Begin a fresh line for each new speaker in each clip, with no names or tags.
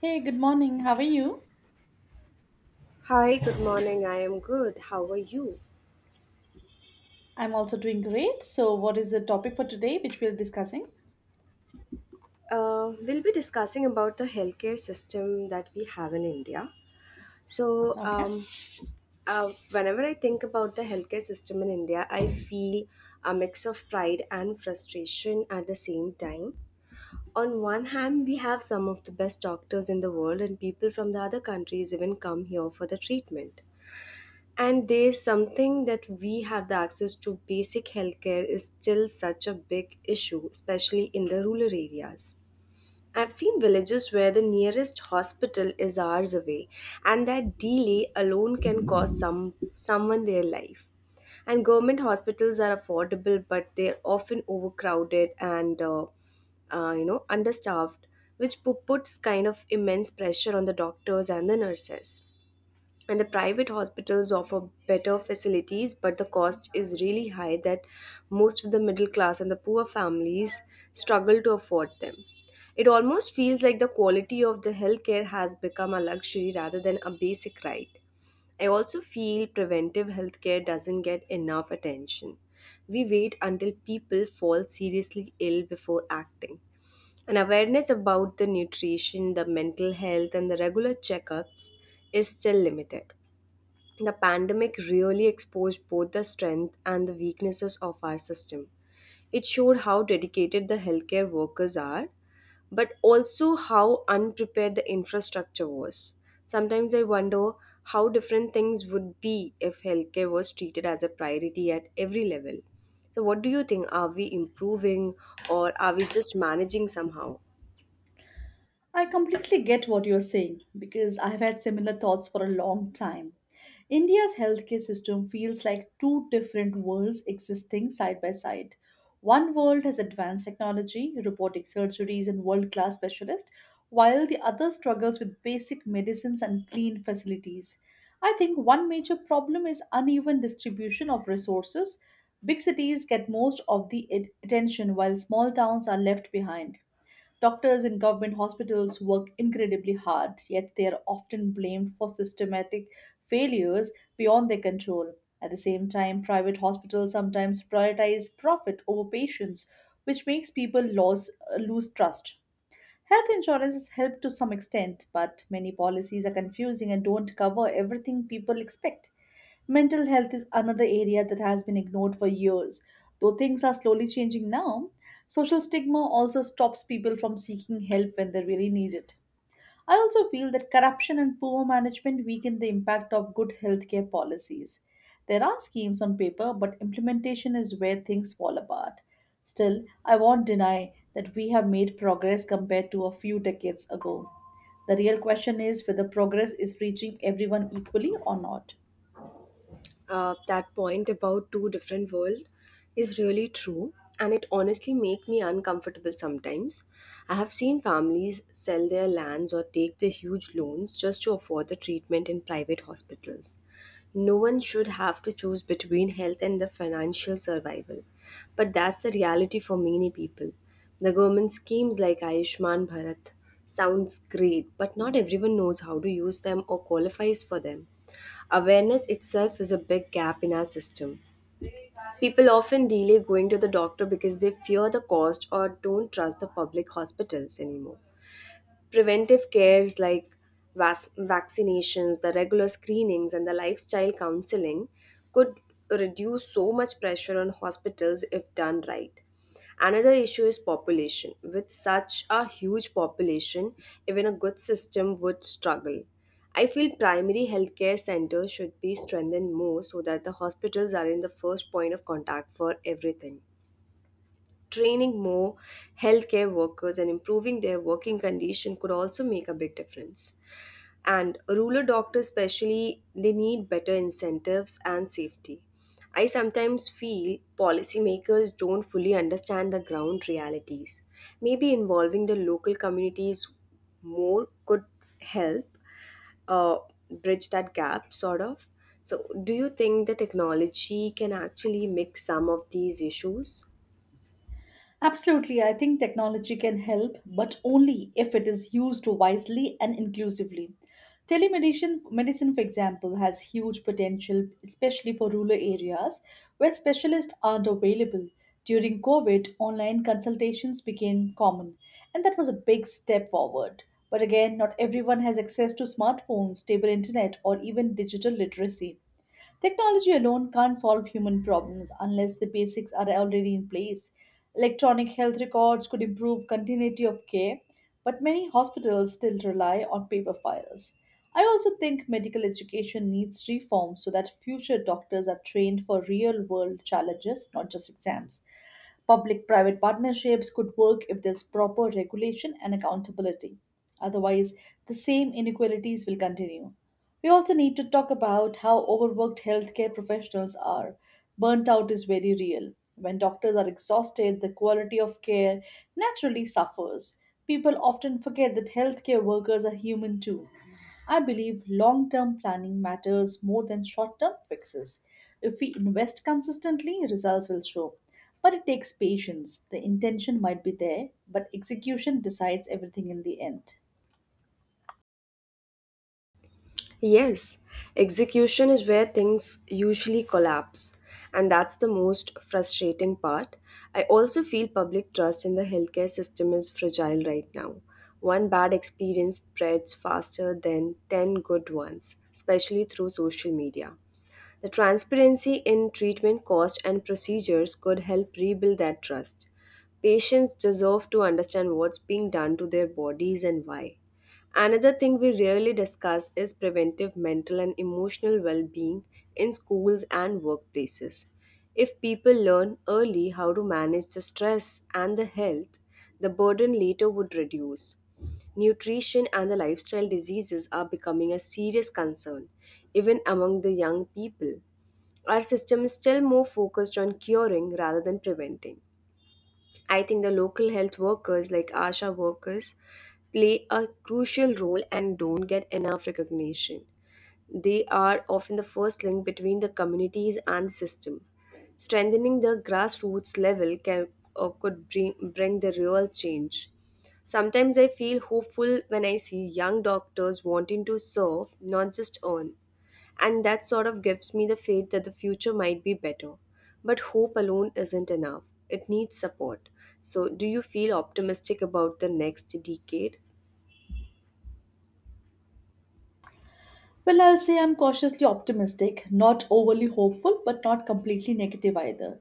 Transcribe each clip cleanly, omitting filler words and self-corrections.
Hey, good morning. How are you?
Hi, good morning. I am good. How are you?
I'm also doing great. So, what is the topic for today which we're discussing?
We'll be discussing about the healthcare system that we have in India. So,
Okay.
um, Whenever I think about the healthcare system in India, I feel a mix of pride and frustration at the same time. On one hand, we have some of the best doctors in the world, and people from the other countries even come here for the treatment. And there's something that we have: the access to basic healthcare is still such a big issue, especially in the rural areas. I've seen villages where the nearest hospital is hours away, and that delay alone can cost someone their life. And government hospitals are affordable, but they're often overcrowded and understaffed, which puts kind of immense pressure on the doctors and the nurses. And the private hospitals offer better facilities, but the cost is really high, that most of the middle class and the poor families struggle to afford them. It almost feels like the quality of the healthcare has become a luxury rather than a basic right. I also feel preventive healthcare doesn't get enough attention. We wait until people fall seriously ill before acting. An awareness about the nutrition, the mental health, and the regular checkups is still limited. The pandemic really exposed both the strength and the weaknesses of our system. It showed how dedicated the healthcare workers are, but also how unprepared the infrastructure was. Sometimes I wonder how different things would be if healthcare was treated as a priority at every level. So, what do you think? Are we improving, or are we just managing somehow?
I completely get what you're saying because I've had similar thoughts for a long time. India's healthcare system feels like two different worlds existing side by side. One world has advanced technology, robotic surgeries, and world class specialists, while the other struggles with basic medicines and clean facilities. I think one major problem is uneven distribution of resources. Big cities get most of the attention, while small towns are left behind. Doctors in government hospitals work incredibly hard, yet they are often blamed for systematic failures beyond their control. At the same time, private hospitals sometimes prioritize profit over patients, which makes people lose trust. Health insurance has helped to some extent, but many policies are confusing and don't cover everything people expect. Mental health is another area that has been ignored for years, though things are slowly changing now. Social stigma also stops people from seeking help when they really need it. I also feel that corruption and poor management weaken the impact of good healthcare policies. There are schemes on paper, but implementation is where things fall apart. Still, I won't deny that we have made progress compared to a few decades ago. The real question is whether progress is reaching everyone equally or not.
That point about two different world is really true, and it honestly make me uncomfortable sometimes. I have seen families sell their lands or take the huge loans just to afford the treatment in private hospitals. No one should have to choose between health and the financial survival, but that's the reality for many people. The government schemes like Ayushman Bharat sounds great, but not everyone knows how to use them or qualifies for them. Awareness itself is a big gap in our system. People often delay going to the doctor because they fear the cost or don't trust the public hospitals anymore. Preventive cares like vaccinations, the regular screenings, and the lifestyle counseling could reduce so much pressure on hospitals if done right. Another issue is population. With such a huge population, even a good system would struggle. I feel primary healthcare centers should be strengthened more so that the hospitals are in the first point of contact for everything. Training more healthcare workers and improving their working condition could also make a big difference. And rural doctors, especially, they need better incentives and safety. I sometimes feel policymakers don't fully understand the ground realities. Maybe involving the local communities more could help uh, bridge that gap, sort of. So, do you think the technology can actually mix some of these issues?
Absolutely, I think technology can help, but only if it is used wisely and inclusively. Telemedicine, medicine, for example, has huge potential, especially for rural areas where specialists aren't available. During COVID, online consultations became common, and that was a big step forward. But again, not everyone has access to smartphones, stable internet, or even digital literacy. Technology alone can't solve human problems unless the basics are already in place. Electronic health records could improve continuity of care, but many hospitals still rely on paper files. I also think medical education needs reform so that future doctors are trained for real world challenges, not just exams. Public private partnerships could work if there's proper regulation and accountability. Otherwise, the same inequalities will continue. We also need to talk about how overworked healthcare professionals are. Burnt out is very real. When doctors are exhausted, the quality of care naturally suffers. People often forget that healthcare workers are human too. I believe long term planning matters more than short term fixes. If we invest consistently, results will show. But it takes patience. The intention might be there, but execution decides everything in the end.
Yes, execution is where things usually collapse, and that's the most frustrating part. I also feel public trust in the healthcare system is fragile right now. One bad experience spreads faster than 10 good ones, especially through social media. The transparency in treatment cost and procedures could help rebuild that trust. Patients deserve to understand what's being done to their bodies and why. Another thing we rarely discuss is preventive mental and emotional well being in schools and workplaces. If people learn early how to manage the stress and the health, the burden later would reduce. Nutrition and the lifestyle diseases are becoming a serious concern, even among the young people. Our system is still more focused on curing rather than preventing. I think the local health workers, like ASHA workers, play a crucial role and don't get enough recognition. They are often the first link between the communities and the system. Strengthening the grassroots level can, or could bring, the real change. Sometimes I feel hopeful when I see young doctors wanting to serve, not just earn. And that sort of gives me the faith that the future might be better. But hope alone isn't enough, it needs support. So, do you feel optimistic about the next decade?
Well, I'll say I'm cautiously optimistic, not overly hopeful, but not completely negative either.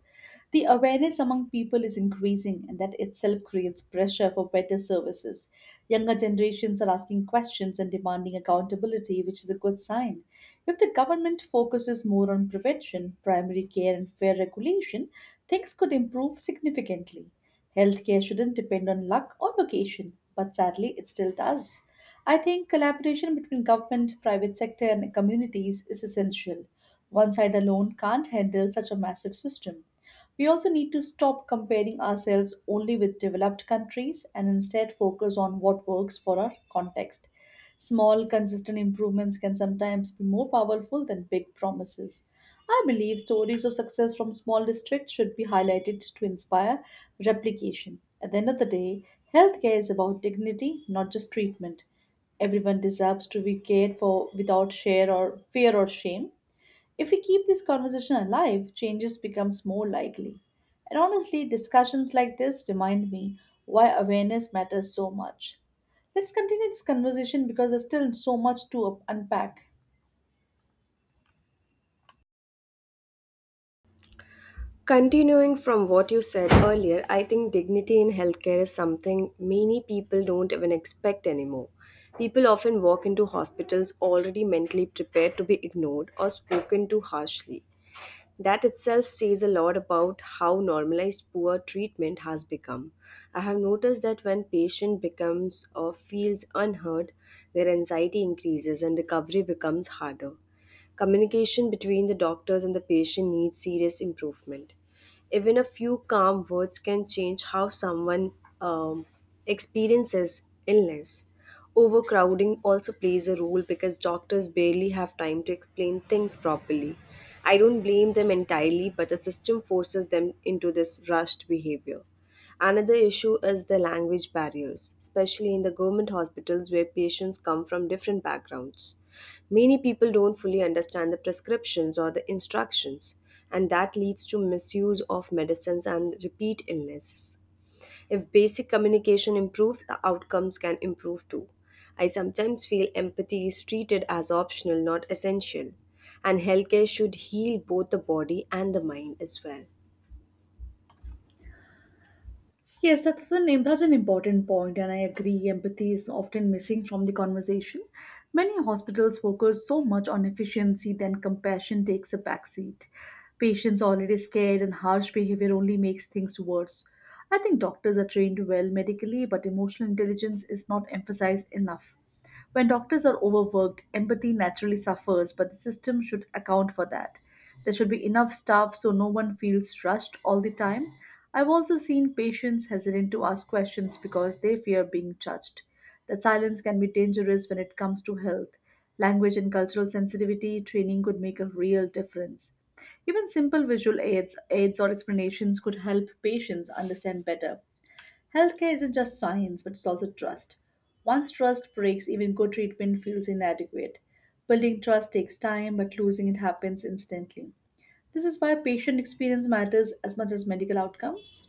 The awareness among people is increasing, and that itself creates pressure for better services. Younger generations are asking questions and demanding accountability, which is a good sign. If the government focuses more on prevention, primary care, and fair regulation, things could improve significantly. Healthcare shouldn't depend on luck or location, but sadly, it still does. I think collaboration between government, private sector, and communities is essential. One side alone can't handle such a massive system. We also need to stop comparing ourselves only with developed countries and instead focus on what works for our context. Small, consistent improvements can sometimes be more powerful than big promises. I believe stories of success from small districts should be highlighted to inspire replication. At the end of the day, healthcare is about dignity, not just treatment. Everyone deserves to be cared for without share or fear or shame. If we keep this conversation alive, changes becomes more likely. And honestly, discussions like this remind me why awareness matters so much. Let's continue this conversation because there's still so much to unpack.
Continuing from what you said earlier, I think dignity in healthcare is something many people don't even expect anymore. People often walk into hospitals already mentally prepared to be ignored or spoken to harshly. That itself says a lot about how normalized poor treatment has become. I have noticed that when patient becomes or feels unheard, their anxiety increases and recovery becomes harder. Communication between the doctors and the patient needs serious improvement. Even a few calm words can change how someone um, experiences illness. Overcrowding also plays a role because doctors barely have time to explain things properly. I don't blame them entirely, but the system forces them into this rushed behavior. Another issue is the language barriers, especially in the government hospitals where patients come from different backgrounds. Many people don't fully understand the prescriptions or the instructions, and that leads to misuse of medicines and repeat illnesses. If basic communication improves, the outcomes can improve too. I sometimes feel empathy is treated as optional, not essential, and healthcare should heal both the body and the mind as well.
Yes, that's an important point, and I agree. Empathy is often missing from the conversation. Many hospitals focus so much on efficiency, then compassion takes a backseat. Patients already scared, and harsh behavior only makes things worse. I think doctors are trained well medically, but emotional intelligence is not emphasized enough. When doctors are overworked, empathy naturally suffers, but the system should account for that. There should be enough staff so no one feels rushed all the time. I've also seen patients hesitant to ask questions because they fear being judged. That silence can be dangerous when it comes to health. Language and cultural sensitivity training could make a real difference. Even simple aids or explanations could help patients understand better. Healthcare isn't just science, but it's also trust. Once trust breaks, even good treatment feels inadequate. Building trust takes time, but losing it happens instantly. This is why patient experience matters as much as medical outcomes.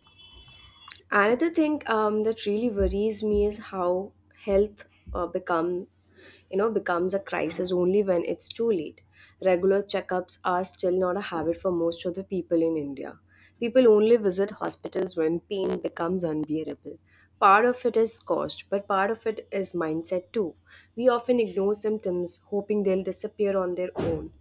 Another thing that really worries me is how health uh, become, becomes a crisis only when it's too late. Regular checkups are still not a habit for most of the people in India. People only visit hospitals when pain becomes unbearable. Part of it is cost, but part of it is mindset too. We often ignore symptoms, hoping they'll disappear on their own.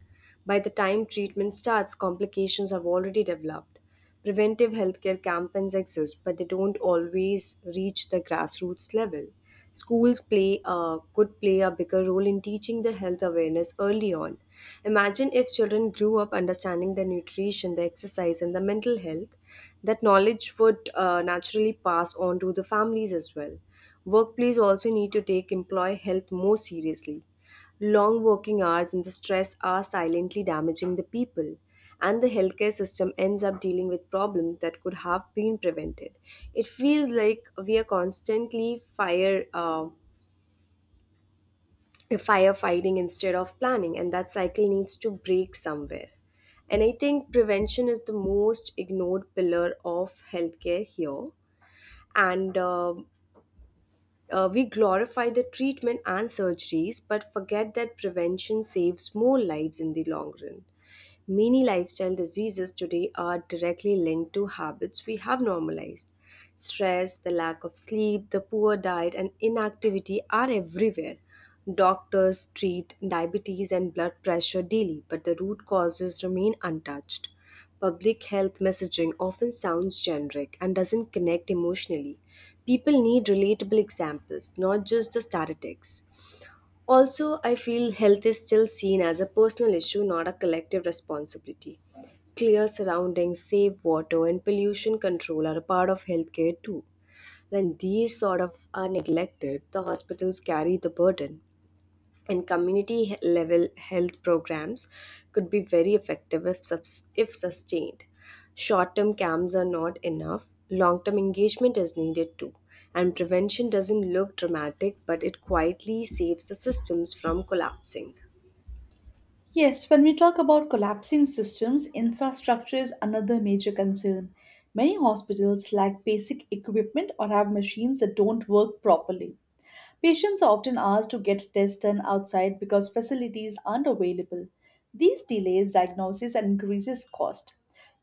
By the time treatment starts, complications have already developed. Preventive healthcare campaigns exist, but they don't always reach the grassroots level. Schools play could play a bigger role in teaching the health awareness early on. Imagine if children grew up understanding their nutrition, the exercise, and the mental health, that knowledge would naturally pass on to the families as well. Workplace also need to take employee health more seriously. Long working hours and the stress are silently damaging the people, and the healthcare system ends up dealing with problems that could have been prevented. It feels like we are constantly firefighting instead of planning, and that cycle needs to break somewhere. And I think prevention is the most ignored pillar of healthcare here. And We glorify the treatment and surgeries, but forget that prevention saves more lives in the long run. Many lifestyle diseases today are directly linked to habits we have normalized. Stress, the lack of sleep, the poor diet, and inactivity are everywhere. Doctors treat diabetes and blood pressure daily, but the root causes remain untouched. Public health messaging often sounds generic and doesn't connect emotionally. People need relatable examples, not just the statistics. Also, I feel health is still seen as a personal issue, not a collective responsibility. Clear surroundings, safe water, and pollution control are a part of healthcare too. When these sort of are neglected, the hospitals carry the burden, and community level health programs could be very effective if sustained. Short term camps are not enough, long term engagement is needed too. And prevention doesn't look dramatic, but it quietly saves the systems from collapsing.
Yes, when we talk about collapsing systems, infrastructure is another major concern. Many hospitals lack basic equipment or have machines that don't work properly. Patients are often asked to get tests done outside because facilities aren't available. These delays diagnosis and increases cost.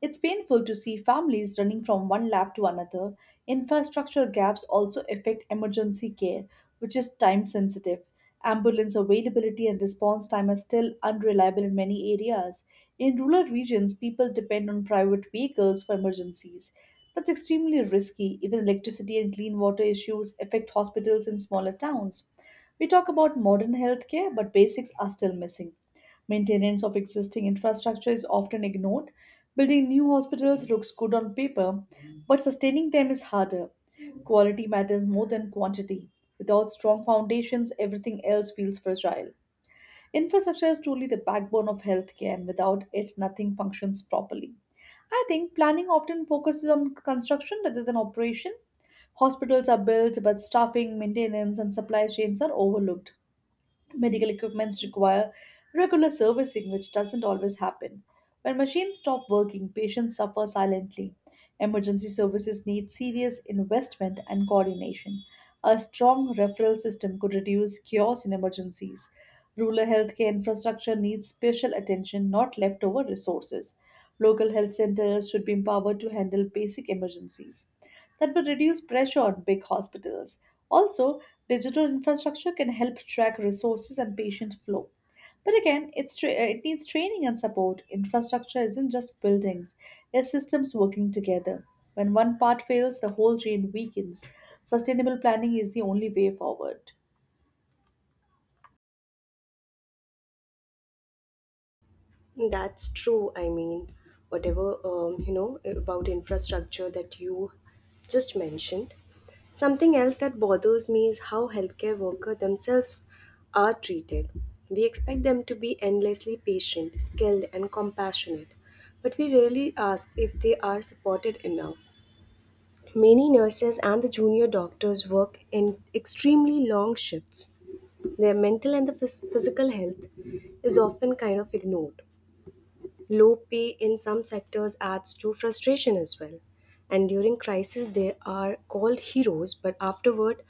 It's painful to see families running from one lab to another. Infrastructure gaps also affect emergency care, which is time sensitive. Ambulance availability and response time are still unreliable in many areas. In rural regions, people depend on private vehicles for emergencies. That's extremely risky. Even electricity and clean water issues affect hospitals in smaller towns. We talk about modern healthcare, but basics are still missing. Maintenance of existing infrastructure is often ignored. Building new hospitals looks good on paper, but sustaining them is harder. Quality matters more than quantity. Without strong foundations, everything else feels fragile. Infrastructure is truly the backbone of healthcare, and without it, nothing functions properly. I think planning often focuses on construction rather than operation. Hospitals are built, but staffing, maintenance, and supply chains are overlooked. Medical equipments require regular servicing, which doesn't always happen. When machines stop working, patients suffer silently. Emergency services need serious investment and coordination. A strong referral system could reduce chaos in emergencies. Rural healthcare infrastructure needs special attention, not leftover resources. Local health centers should be empowered to handle basic emergencies. That would reduce pressure on big hospitals. Also, digital infrastructure can help track resources and patient flow. But again, it needs training and support. Infrastructure isn't just buildings, it's systems working together. When one part fails, the whole chain weakens. Sustainable planning is the only way forward.
That's true. I mean, whatever about infrastructure that you just mentioned. Something else that bothers me is how healthcare workers themselves are treated. We expect them to be endlessly patient, skilled, and compassionate, but we rarely ask if they are supported enough. Many nurses and the junior doctors work in extremely long shifts. Their mental and the physical health is often kind of ignored. Low pay in some sectors adds to frustration as well. And during crisis, they are called heroes, but afterward,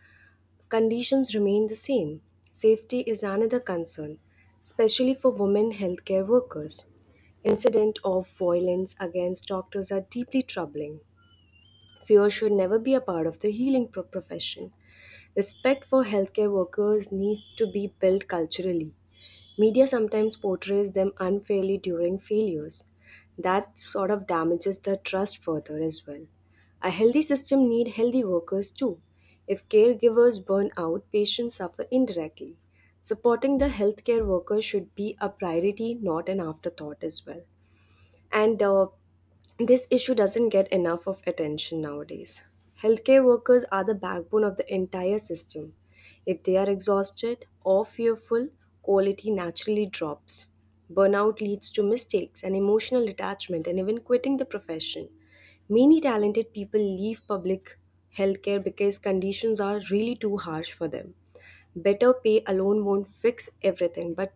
conditions remain the same. Safety is another concern, especially for women healthcare workers. Incident of violence against doctors are deeply troubling. Fear should never be a part of the healing profession. Respect for healthcare workers needs to be built culturally. Media sometimes portrays them unfairly during failures. That sort of damages the trust further as well. A healthy system needs healthy workers too. If caregivers burn out, patients suffer indirectly. Supporting the healthcare workers should be a priority, not an afterthought as well, and this issue doesn't get enough of attention nowadays. Healthcare workers are the backbone of the entire system. If they are exhausted or fearful, quality naturally drops. Burnout leads to mistakes and emotional detachment and even quitting the profession. Many talented people leave public healthcare because conditions are really too harsh for them. Better pay alone won't fix everything, but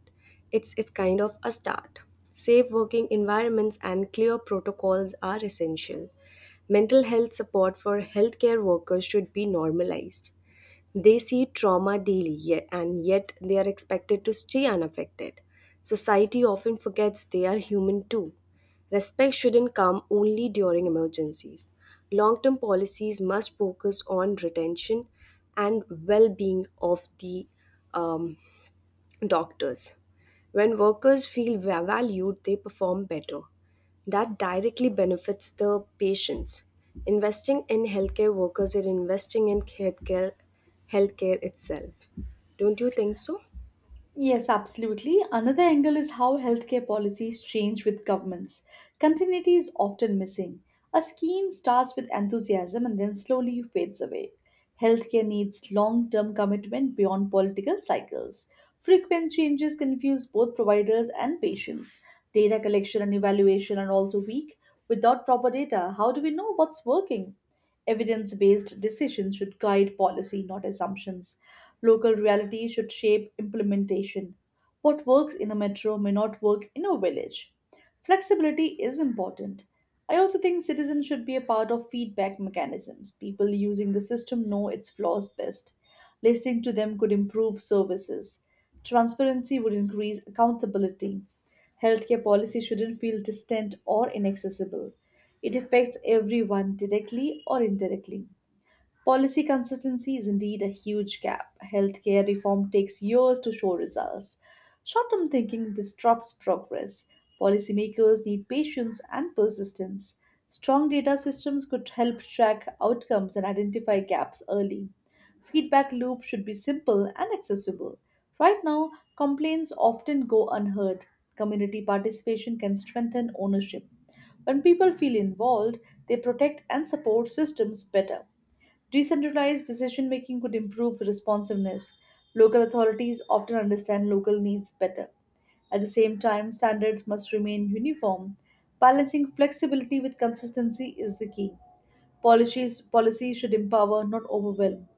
it's kind of a start. Safe working environments and clear protocols are essential. Mental health support for healthcare workers should be normalized. They see trauma daily, and yet they are expected to stay unaffected. Society often forgets they are human too. Respect shouldn't come only during emergencies. Long term policies must focus on retention and well being of the um, doctors. When workers feel valued, they perform better. That directly benefits the patients. Investing in healthcare workers is investing in healthcare itself. Don't you think so?
Yes, absolutely. Another angle is how healthcare policies change with governments. Continuity is often missing. A scheme starts with enthusiasm and then slowly fades away. Healthcare needs long term commitment beyond political cycles. Frequent changes confuse both providers and patients. Data collection and evaluation are also weak. Without proper data, how do we know what's working? Evidence based decisions should guide policy, not assumptions. Local reality should shape implementation. What works in a metro may not work in a village. Flexibility is important. I also think citizens should be a part of feedback mechanisms. People using the system know its flaws best. Listening to them could improve services. Transparency would increase accountability. Healthcare policy shouldn't feel distant or inaccessible. It affects everyone directly or indirectly. Policy consistency is indeed a huge gap. Healthcare reform takes years to show results. Short term thinking disrupts progress. Policymakers need patience and persistence. Strong data systems could help track outcomes and identify gaps early. Feedback loop should be simple and accessible. Right now, complaints often go unheard. Community participation can strengthen ownership. When people feel involved, they protect and support systems better. Decentralized decision making could improve responsiveness. Local authorities often understand local needs better. At the same time, standards must remain uniform. Balancing flexibility with consistency is the key. Policy should empower, not overwhelm.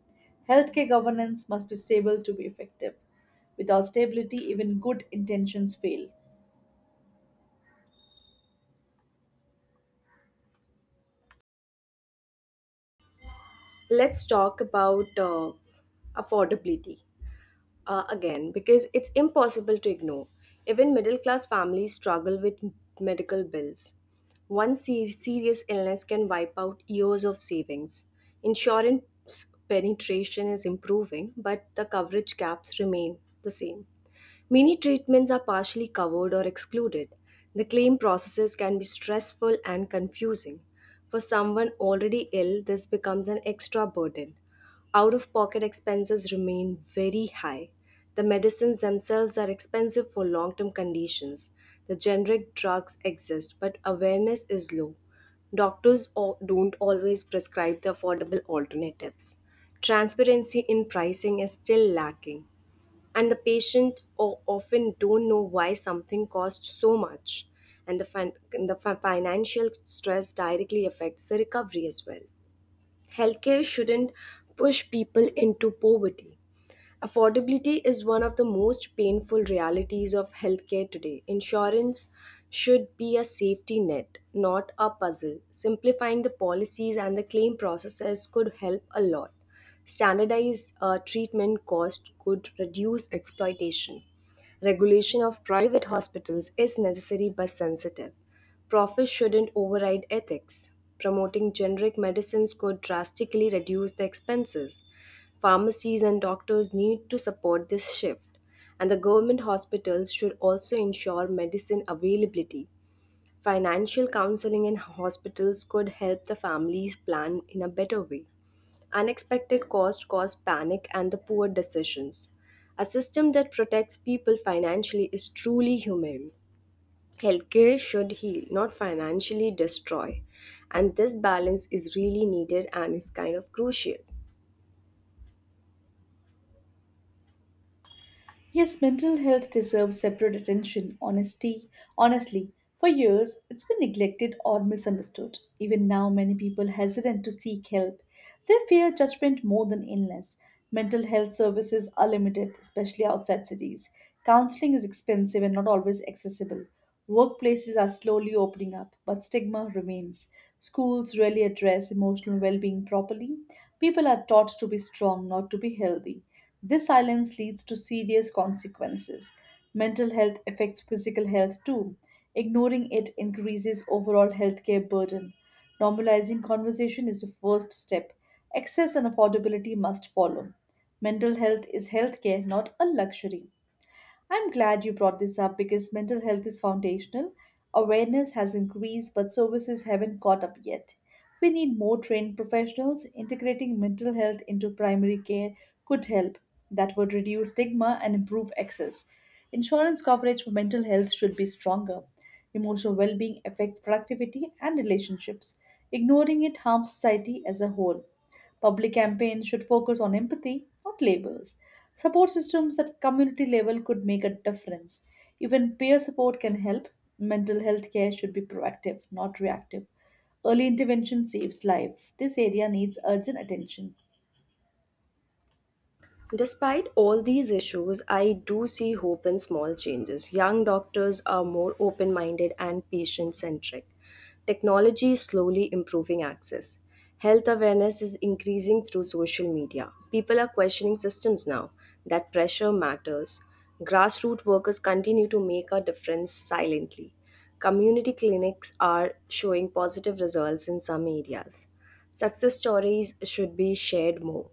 Healthcare governance must be stable to be effective. Without stability, even good intentions fail.
Let's talk about affordability, again, because it's impossible to ignore. Even middle class families struggle with medical bills. One serious illness can wipe out years of savings. Insurance penetration is improving, but the coverage gaps remain the same. Many treatments are partially covered or excluded. The claim processes can be stressful and confusing. For someone already ill, this becomes an extra burden. Out of pocket expenses remain very high. The medicines themselves are expensive for long term conditions. The generic drugs exist, but awareness is low. Doctors don't always prescribe the affordable alternatives. Transparency in pricing is still lacking, and the patient often don't know why something costs so much, and the financial stress directly affects the recovery as well. Healthcare shouldn't push people into poverty. Affordability is one of the most painful realities of healthcare today. Insurance should be a safety net, not a puzzle. Simplifying the policies and the claim processes could help a lot. Standardized treatment cost could reduce exploitation. Regulation of private hospitals is necessary but sensitive. Profit shouldn't override ethics. Promoting generic medicines could drastically reduce the expenses. Pharmacies and doctors need to support this shift. And the government hospitals should also ensure medicine availability. Financial counseling in hospitals could help the families plan in a better way. Unexpected costs cause panic and the poor decisions. A system that protects people financially is truly humane. Healthcare should heal, not financially destroy. And this balance is really needed and is kind of crucial.
Yes, mental health deserves separate attention, honestly. For years, it's been neglected or misunderstood. Even now, many people hesitant to seek help. They fear judgment more than illness. Mental health services are limited, especially outside cities. Counseling is expensive and not always accessible. Workplaces are slowly opening up, but stigma remains. Schools rarely address emotional well being properly. People are taught to be strong, not to be healthy. This silence leads to serious consequences. Mental health affects physical health too. Ignoring it increases overall healthcare burden. Normalizing conversation is the first step. Access and affordability must follow. Mental health is healthcare, not a luxury. I'm glad you brought this up because mental health is foundational. Awareness has increased, but services haven't caught up yet. We need more trained professionals. Integrating mental health into primary care could help. That would reduce stigma and improve access. Insurance coverage for mental health should be stronger. Emotional well being affects productivity and relationships. Ignoring it harms society as a whole. Public campaigns should focus on empathy, not labels. Support systems at community level could make a difference. Even peer support can help. Mental health care should be proactive, not reactive. Early intervention saves life. This area needs urgent attention.
Despite all these issues, I do see hope in small changes. Young doctors are more open minded and patient centric. Technology is slowly improving access. Health awareness is increasing through social media. People are questioning systems now. That pressure matters. Grassroots workers continue to make a difference silently. Community clinics are showing positive results in some areas. Success stories should be shared more,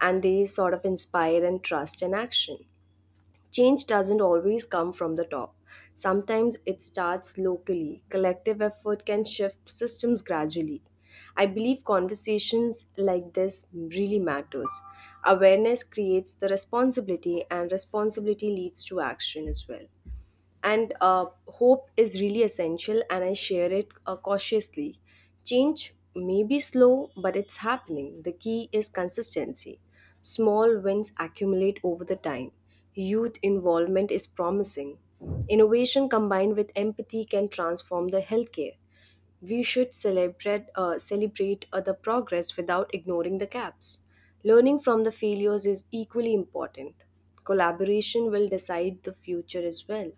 and they sort of inspire and trust and action. Change doesn't always come from the top. Sometimes it starts locally. Collective effort can shift systems gradually. I believe conversations like this really matters. Awareness creates the responsibility and responsibility leads to action as well, and hope is really essential and I share it cautiously. Change may be slow but it's happening. The key is consistency. Small wins accumulate over the time. Youth involvement is promising. Innovation combined with empathy can transform the healthcare. We should celebrate the progress without ignoring the gaps. Learning from the failures is equally important. Collaboration will decide the future as well.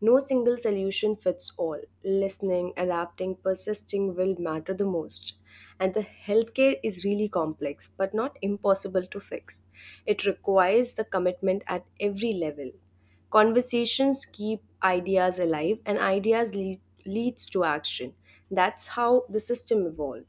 No single solution fits all. Listening, adapting, persisting will matter the most. And the healthcare is really complex but not impossible to fix. It requires the commitment at every level. Conversations keep ideas alive and ideas leads to action. That's how the system evolves.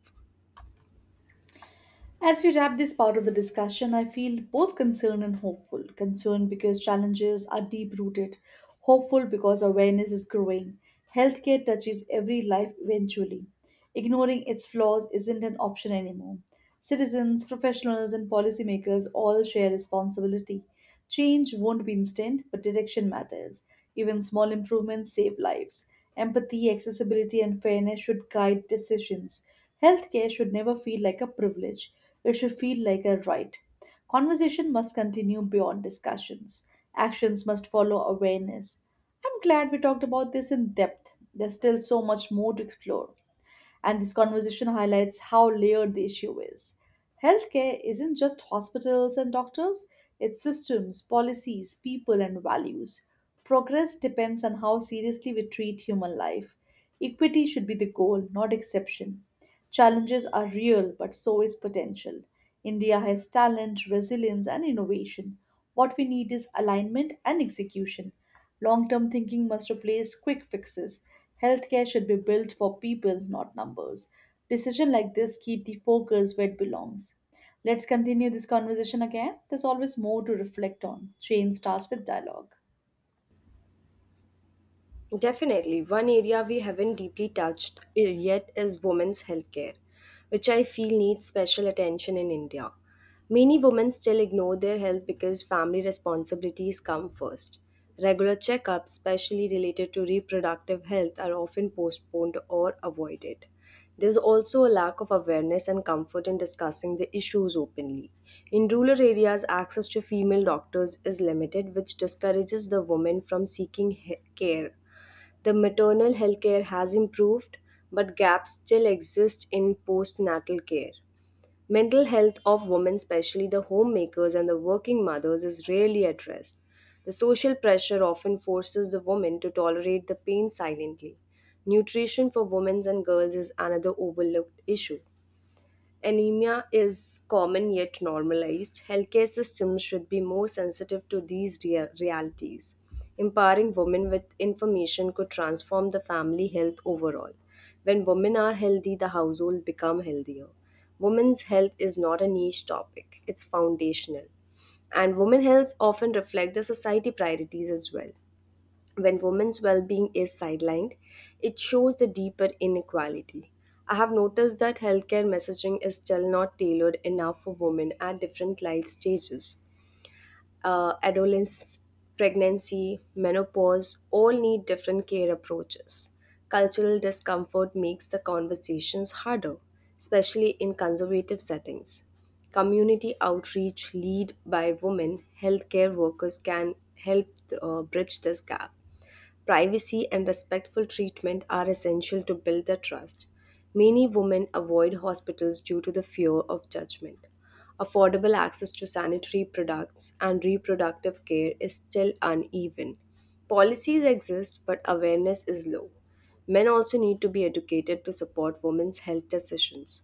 As we wrap this part of the discussion, I feel both concerned and hopeful. Concerned because challenges are deep rooted, hopeful because awareness is growing. Healthcare touches every life eventually. Ignoring its flaws isn't an option anymore. Citizens, professionals, and policymakers all share responsibility. Change won't be instant, but direction matters. Even small improvements save lives. Empathy, accessibility, and fairness should guide decisions. Healthcare should never feel like a privilege, it should feel like a right. Conversation must continue beyond discussions. Actions must follow awareness. I'm glad we talked about this in depth. There's still so much more to explore and this conversation highlights how layered the issue is. Healthcare isn't just hospitals and doctors, it's systems, policies, people, and values. Progress depends on how seriously we treat human life. Equity should be the goal, not exception. Challenges are real, but so is potential. India has talent, resilience, and innovation. What we need is alignment and execution. Long term thinking must replace quick fixes. Healthcare should be built for people, not numbers. Decisions like this keep the focus where it belongs. Let's continue this conversation again. There's always more to reflect on. Change starts with dialogue.
Definitely, one area we haven't deeply touched yet is women's healthcare, which I feel needs special attention in India. Many women still ignore their health because family responsibilities come first. Regular checkups, especially related to reproductive health, are often postponed or avoided. There's also a lack of awareness and comfort in discussing the issues openly. In rural areas, access to female doctors is limited, which discourages the woman from seeking care. The maternal healthcare has improved, but gaps still exist in postnatal care. Mental health of women, especially the homemakers and the working mothers, is rarely addressed. The social pressure often forces the woman to tolerate the pain silently. Nutrition for women and girls is another overlooked issue. Anemia is common yet normalized. Healthcare systems should be more sensitive to these realities. Empowering women with information could transform the family health overall. When women are healthy, the household become healthier. Women's health is not a niche topic, it's foundational. And women health often reflect the society priorities as well. When women's well being is sidelined, it shows the deeper inequality. I have noticed that healthcare messaging is still not tailored enough for women at different life stages. Adolescence, pregnancy, menopause all need different care approaches. Cultural discomfort makes the conversations harder, especially in conservative settings. Community outreach lead by women healthcare workers can help bridge this gap. Privacy and respectful treatment are essential to build the trust. Many women avoid hospitals due to the fear of judgment. Affordable access to sanitary products and reproductive care is still uneven. Policies exist, but awareness is low. Men also need to be educated to support women's health decisions.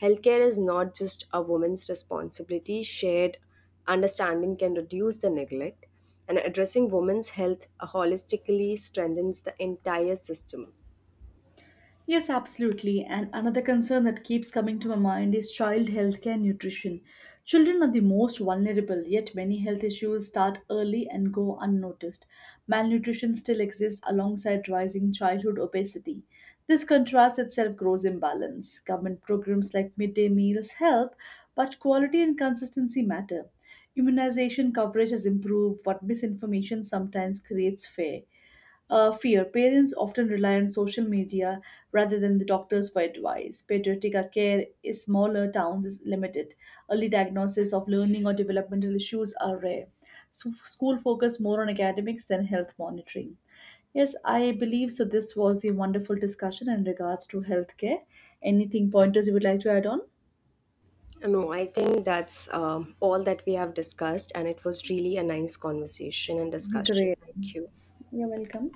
Healthcare is not just a woman's responsibility, shared understanding can reduce the neglect, and addressing women's health holistically strengthens the entire system.
Yes, absolutely. And another concern that keeps coming to my mind is child healthcare and nutrition. Children are the most vulnerable, yet many health issues start early and go unnoticed. Malnutrition still exists alongside rising childhood obesity. This contrast itself grows imbalance. Government programs like midday meals help, but quality and consistency matter. Immunization coverage has improved, but misinformation sometimes creates fear. Parents often rely on social media rather than the doctors for advice. Pediatric care in smaller towns is limited. Early diagnosis of learning or developmental issues are rare. So, school focus more on academics than health monitoring. Yes, I believe so. This was the wonderful discussion in regards to healthcare. Anything pointers you would like to add on?
No, I think that's all that we have discussed, and it was really a nice conversation and discussion.
Great.
Thank you.
You're welcome.